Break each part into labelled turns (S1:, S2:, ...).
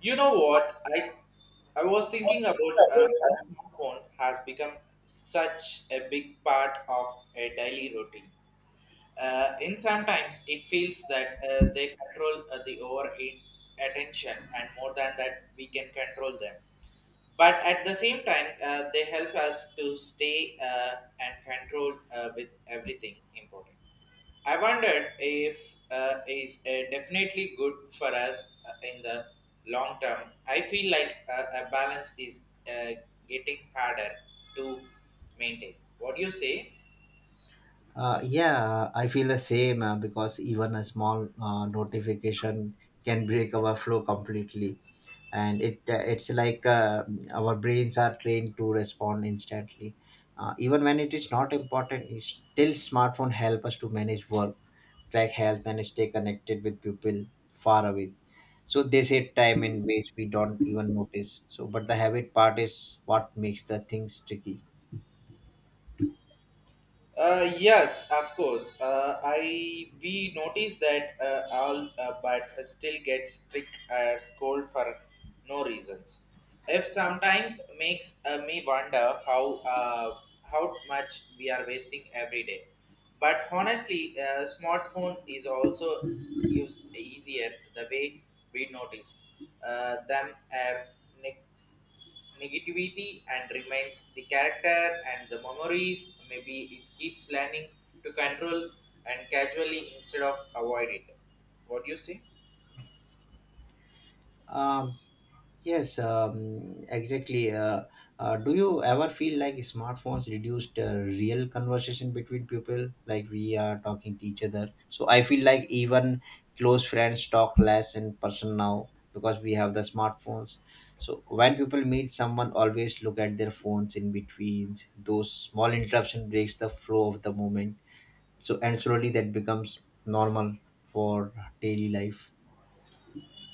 S1: You know what? I was thinking about how smartphone has become such a big part of a daily routine. In sometimes it feels that they control the over attention and more than that we can control them. But at the same time, they help us to stay and control with everything important. I wondered if is definitely good for us in the long term. I feel like a balance is getting harder to maintain. What do you say?
S2: Yeah, I feel the same because even a small notification can break our flow completely, and it's like our brains are trained to respond instantly, even when it is not important. It's still, smartphone help us to manage work, track health, and stay connected with people far away. So they save time in ways we don't even notice. So, but the habit part is what makes the things tricky.
S1: Yes, of course. I we notice that all, but still get strict or scold for no reasons. If sometimes makes me wonder how how much we are wasting every day. But honestly, smartphone is also used easier the way we notice than a negativity and remains the character and the memories. Maybe it keeps learning to control and casually instead of avoid it. What do you say?
S2: Um, Yes, exactly. Do you ever feel like smartphones reduced real conversation between people? Like we are talking to each other. So I feel like even close friends talk less in person now because we have the smartphones. So when people meet, someone always look at their phones in between. Those small interruption breaks the flow of the moment. So and slowly that becomes normal for daily life.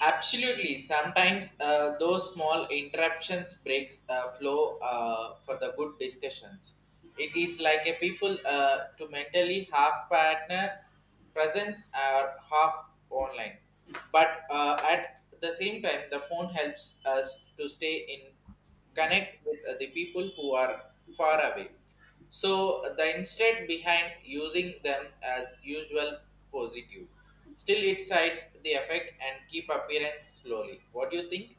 S1: Absolutely. Sometimes those small interruptions breaks flow for the good discussions. It is like a people to mentally half partner presence or half online. But at the same time, the phone helps us to stay in connect with the people who are far away. So the instead behind using them as usual positive. Still, it sides the effect and keep appearance slowly. What do you think?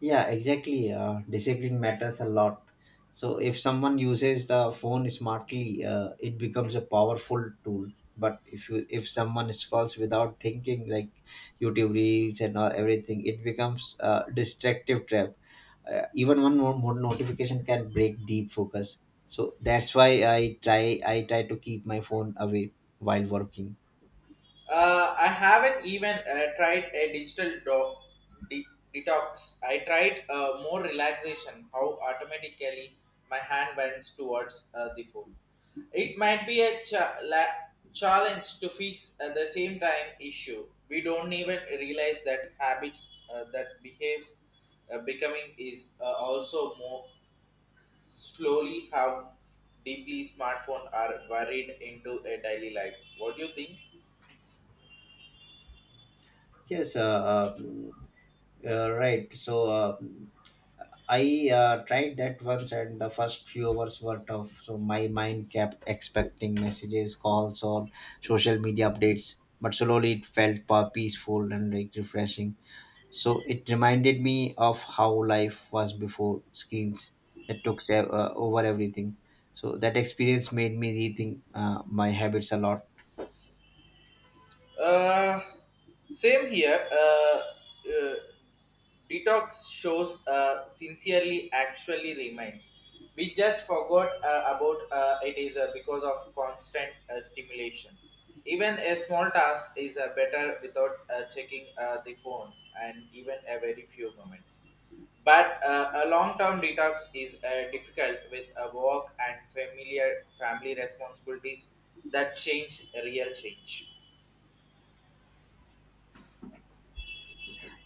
S2: Yeah, exactly. Discipline matters a lot. So if someone uses the phone smartly, it becomes a powerful tool. But if someone scrolls without thinking, like YouTube reels and all, everything, it becomes a distractive trap. Even one more notification can break deep focus. So that's why I try to keep my phone away while working.
S1: I haven't even tried a digital de- detox. I tried more relaxation, how automatically my hand bends towards the food. It might be a challenge to fix at the same time issue. We don't even realize that habits that behaves becoming is also more slowly how deeply smartphone are worried into a daily life. What do you think?
S2: Yes, uh, mm, right. So, I tried that once, and the first few hours were tough. So my mind kept expecting messages, calls, or social media updates. But slowly it felt peaceful and like refreshing. So it reminded me of how life was before screens that took over everything. So that experience made me rethink my habits a lot.
S1: Uh, same here. Uh, detox shows sincerely actually remains. We just forgot about it is because of constant stimulation. Even a small task is better without checking the phone and even a very few moments. But a long-term detox is difficult with a work and familiar family responsibilities that change real change.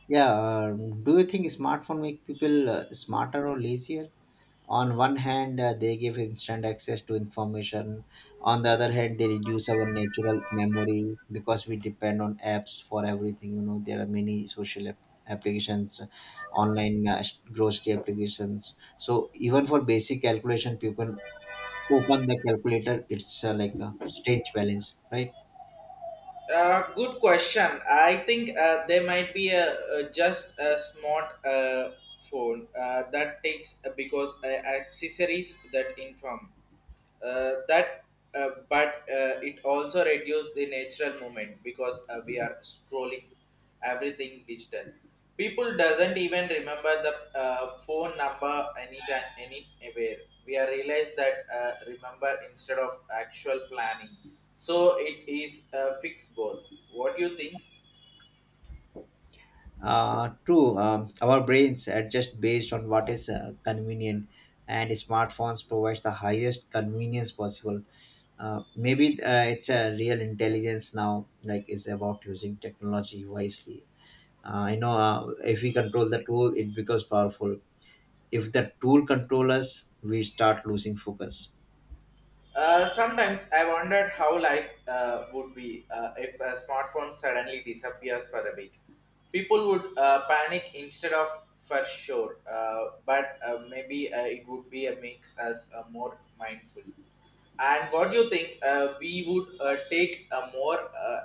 S2: Yeah, do you think smartphone make people smarter or lazier? On one hand, they give instant access to information. On the other hand, they reduce our natural memory because we depend on apps for everything. There are many social applications, online grocery applications. So even for basic calculation, people open the calculator. It's like a strange balance, right?
S1: Good question. I think there might be a just a smart phone that takes because accessories that inform that but it also reduces the natural movement because we are scrolling everything digital. People doesn't even remember the phone number anytime anywhere we are realized that remember instead of actual planning so it is fixed both. What do you think?
S2: True, our brains adjust based on what is convenient, and smartphones provides the highest convenience possible. Maybe it's a real intelligence now, like it's about using technology wisely. If we control the tool, it becomes powerful. If the tool controls us, we start losing focus.
S1: Sometimes I wondered how life would be if a smartphone suddenly disappears for a week. People would panic instead of for sure, but maybe it would be a mix as more mindful. And what do you think? We would take a more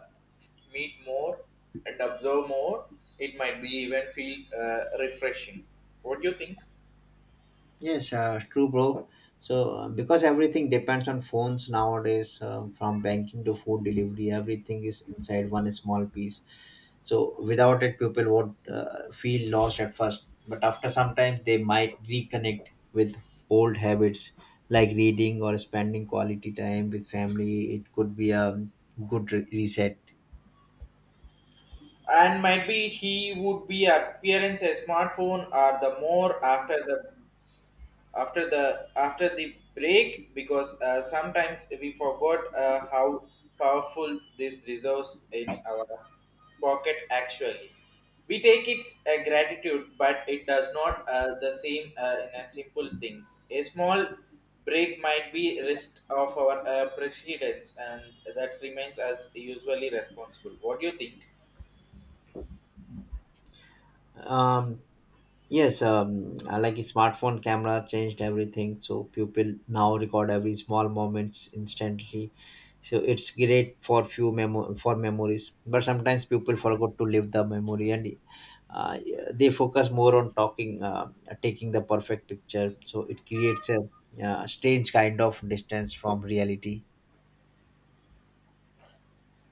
S1: meet more and observe more. It might be even feel refreshing. What do you think?
S2: Yes, true, bro. So, because everything depends on phones nowadays, from banking to food delivery, everything is inside one small piece. So, without it, people would feel lost at first, but after some time, they might reconnect with old habits like reading or spending quality time with family. It could be a good reset.
S1: And might be he would be appearance a smartphone or the more after the break because sometimes we forgot how powerful this resource in our pocket actually we take it a gratitude but it does not the same in a simple things a small break might be rest of our precedence and that remains as usually responsible. What do you think?
S2: Um, Yes, like a smartphone camera changed everything. So people now record every small moments instantly. So it's great for memories. But sometimes people forgot to live the memory and uh, they focus more on taking the perfect picture. So it creates a strange kind of distance from reality.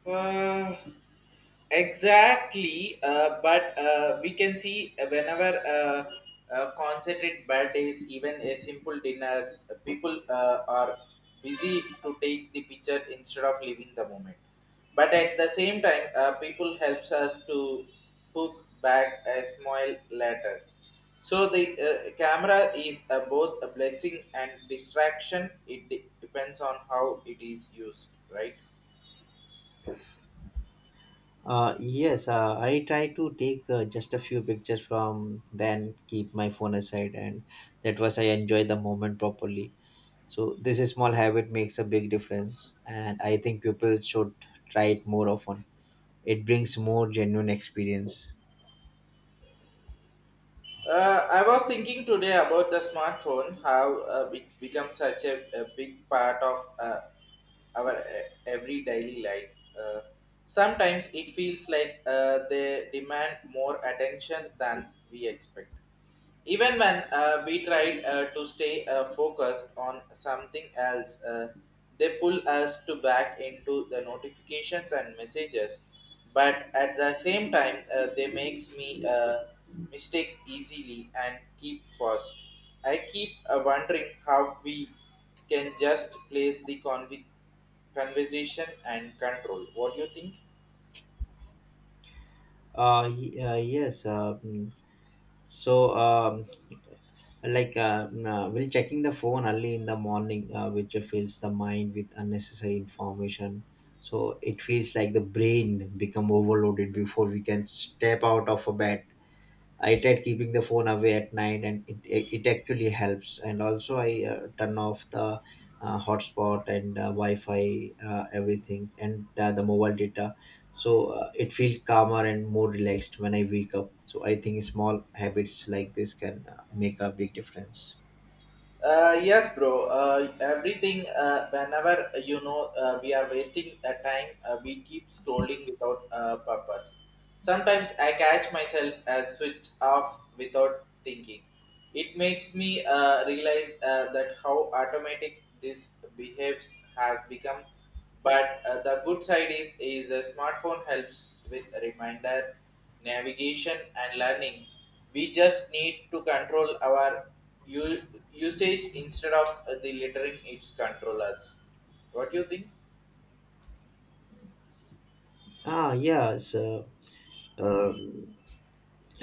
S1: Uh, Exactly, but we can see whenever concerted birthdays, even a simple dinners, people are busy to take the picture instead of living the moment. But at the same time, people helps us to hook back a smile later. So the camera is both a blessing and distraction. It depends on how it is used, right?
S2: Yes, I try to take just a few pictures from then keep my phone aside and that was I enjoy the moment properly. So this small habit makes a big difference, and I think people should try it more often. It brings more genuine experience.
S1: I was thinking today about the smartphone, how it's become such a big part of uh, our every daily life. Sometimes it feels like they demand more attention than we expect even when we tried to stay focused on something else they pull us to back into the notifications and messages but at the same time they makes me mistakes easily and keep first I keep wondering how we can just place the conversation and control. What do you think?
S2: Yes. So, while checking the phone early in the morning, which fills the mind with unnecessary information. So it feels like the brain become overloaded before we can step out of a bed. I tried keeping the phone away at night, and it actually helps. And also, I turn off the hotspot and Wi-Fi, everything, and the mobile data. So, it feels calmer and more relaxed when I wake up. So I think small habits like this can make a big difference.
S1: Yes, bro. Everything. Whenever we are wasting time, we keep scrolling without purpose. Sometimes I catch myself as switch off without thinking. It makes me realize that how automatic this behaves has become but the good side is a smartphone helps with reminder, navigation, and learning. We just need to control our u- usage instead of the littering its controllers. What do you think?
S2: Yeah. So, um,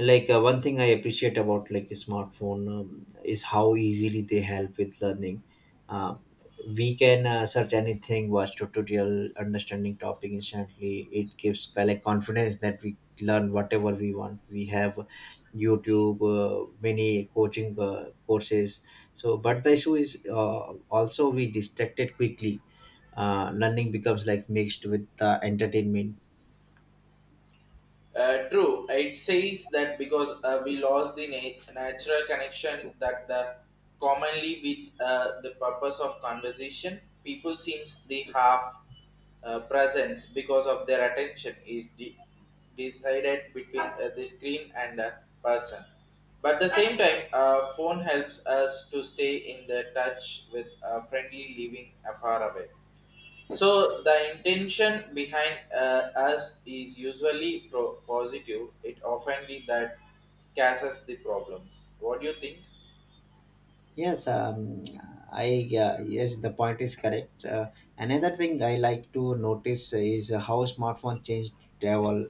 S2: one thing I appreciate about like a smartphone is how easily they help with learning. uh, we can search anything, watch tutorial, understanding topic instantly. It gives like confidence that we learn whatever we want. We have YouTube, many coaching courses. So but the issue is also we distracted quickly. Learning becomes like mixed with entertainment.
S1: True, it says that because we lost the natural connection that the commonly with the purpose of conversation, people seems they have presence because of their attention is decided between the screen and the person. But the same time, phone helps us to stay in the touch with a friendly living afar away. So the intention behind us is usually positive. It often that causes the problems. What do you think?
S2: Yes, um, yes, the point is correct. Another thing I like to notice is how smartphone changed travel.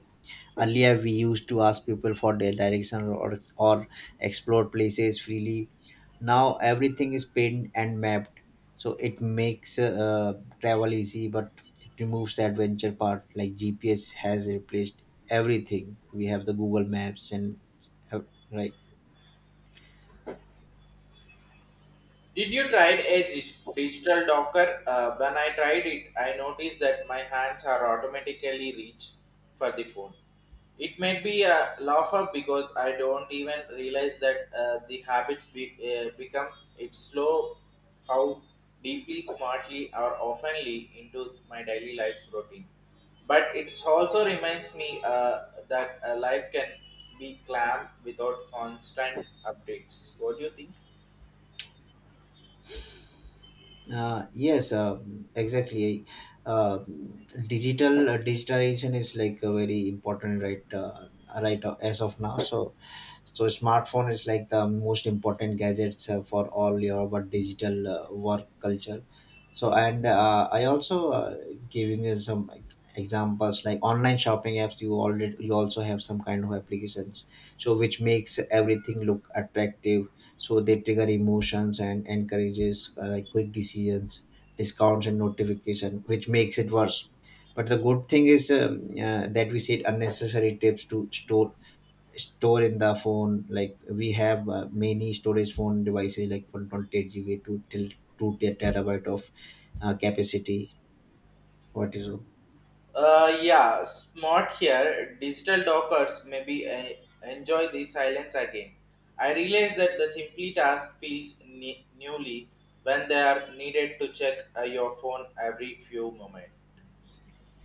S2: Earlier, we used to ask people for their direction or explore places freely. Now everything is pinned and mapped, so it makes travel easy, but it removes the adventure part. Like GPS has replaced everything. We have the Google Maps, and uh, right.
S1: Did you try a digital docker? When I tried it, I noticed that my hands are automatically reach for the phone. It might be a laugh up because I don't even realize that the habits become it's slow how deeply, smartly, or oftenly into my daily life routine. But it also reminds me that life can be clam without constant updates. What do you think?
S2: Yes, exactly. Uh, Digitalization is like a very important right as of now. So smartphone is like the most important gadgets for all your what digital work culture. So and uh, I also giving you some examples like online shopping apps. You also have some kind of applications, so which makes everything look attractive. So they trigger emotions and encourages like quick decisions, discounts, and notification, which makes it worse. But the good thing is that we said unnecessary tips to store in the phone, like we have many storage phone devices like 128 GB to till 2 terabyte of capacity. What is it?
S1: Yeah, smart here. Digital dockers maybe enjoy the silence again. I realize that the simply task feels newly when they are needed to check your phone every few moments.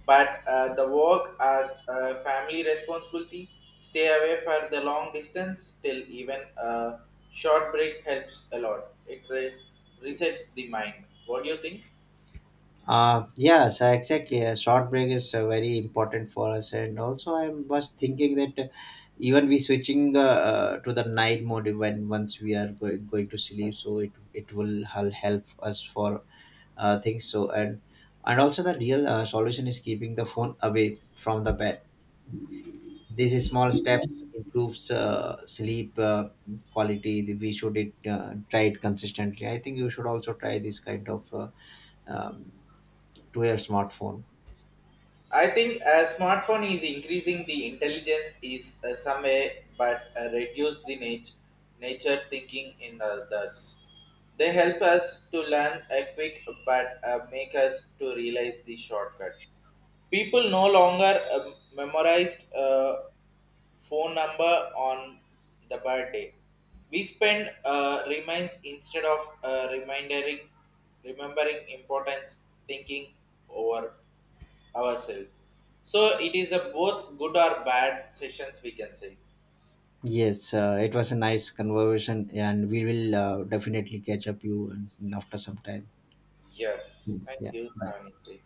S1: But the work as a family responsibility, stay away for the long distance till even a short break helps a lot. It resets the mind. What do you think?
S2: Yes, exactly, a short break is very important for us. And also I was thinking that even we switching to the night mode when once we are going to sleep. So it will help us for things. So and and also, the real solution is keeping the phone away from the bed. These small steps improves sleep quality. We should it, try it consistently. I think you should also try this kind of um, to your smartphone.
S1: I think a smartphone is increasing the intelligence is some way, but reduce the nature thinking in others. They help us to learn a quick, but make us to realize the shortcut. People no longer memorized phone number on the birthday. We spend reminds instead of reminding, remembering importance, thinking over ourselves. So it is a both good or bad sessions we can say.
S2: Yes, it was a nice conversation and we will definitely catch up you after some time.
S1: Yes.
S2: Hmm,
S1: Thank
S2: yeah,
S1: you.
S2: bye.
S1: Have a nice day.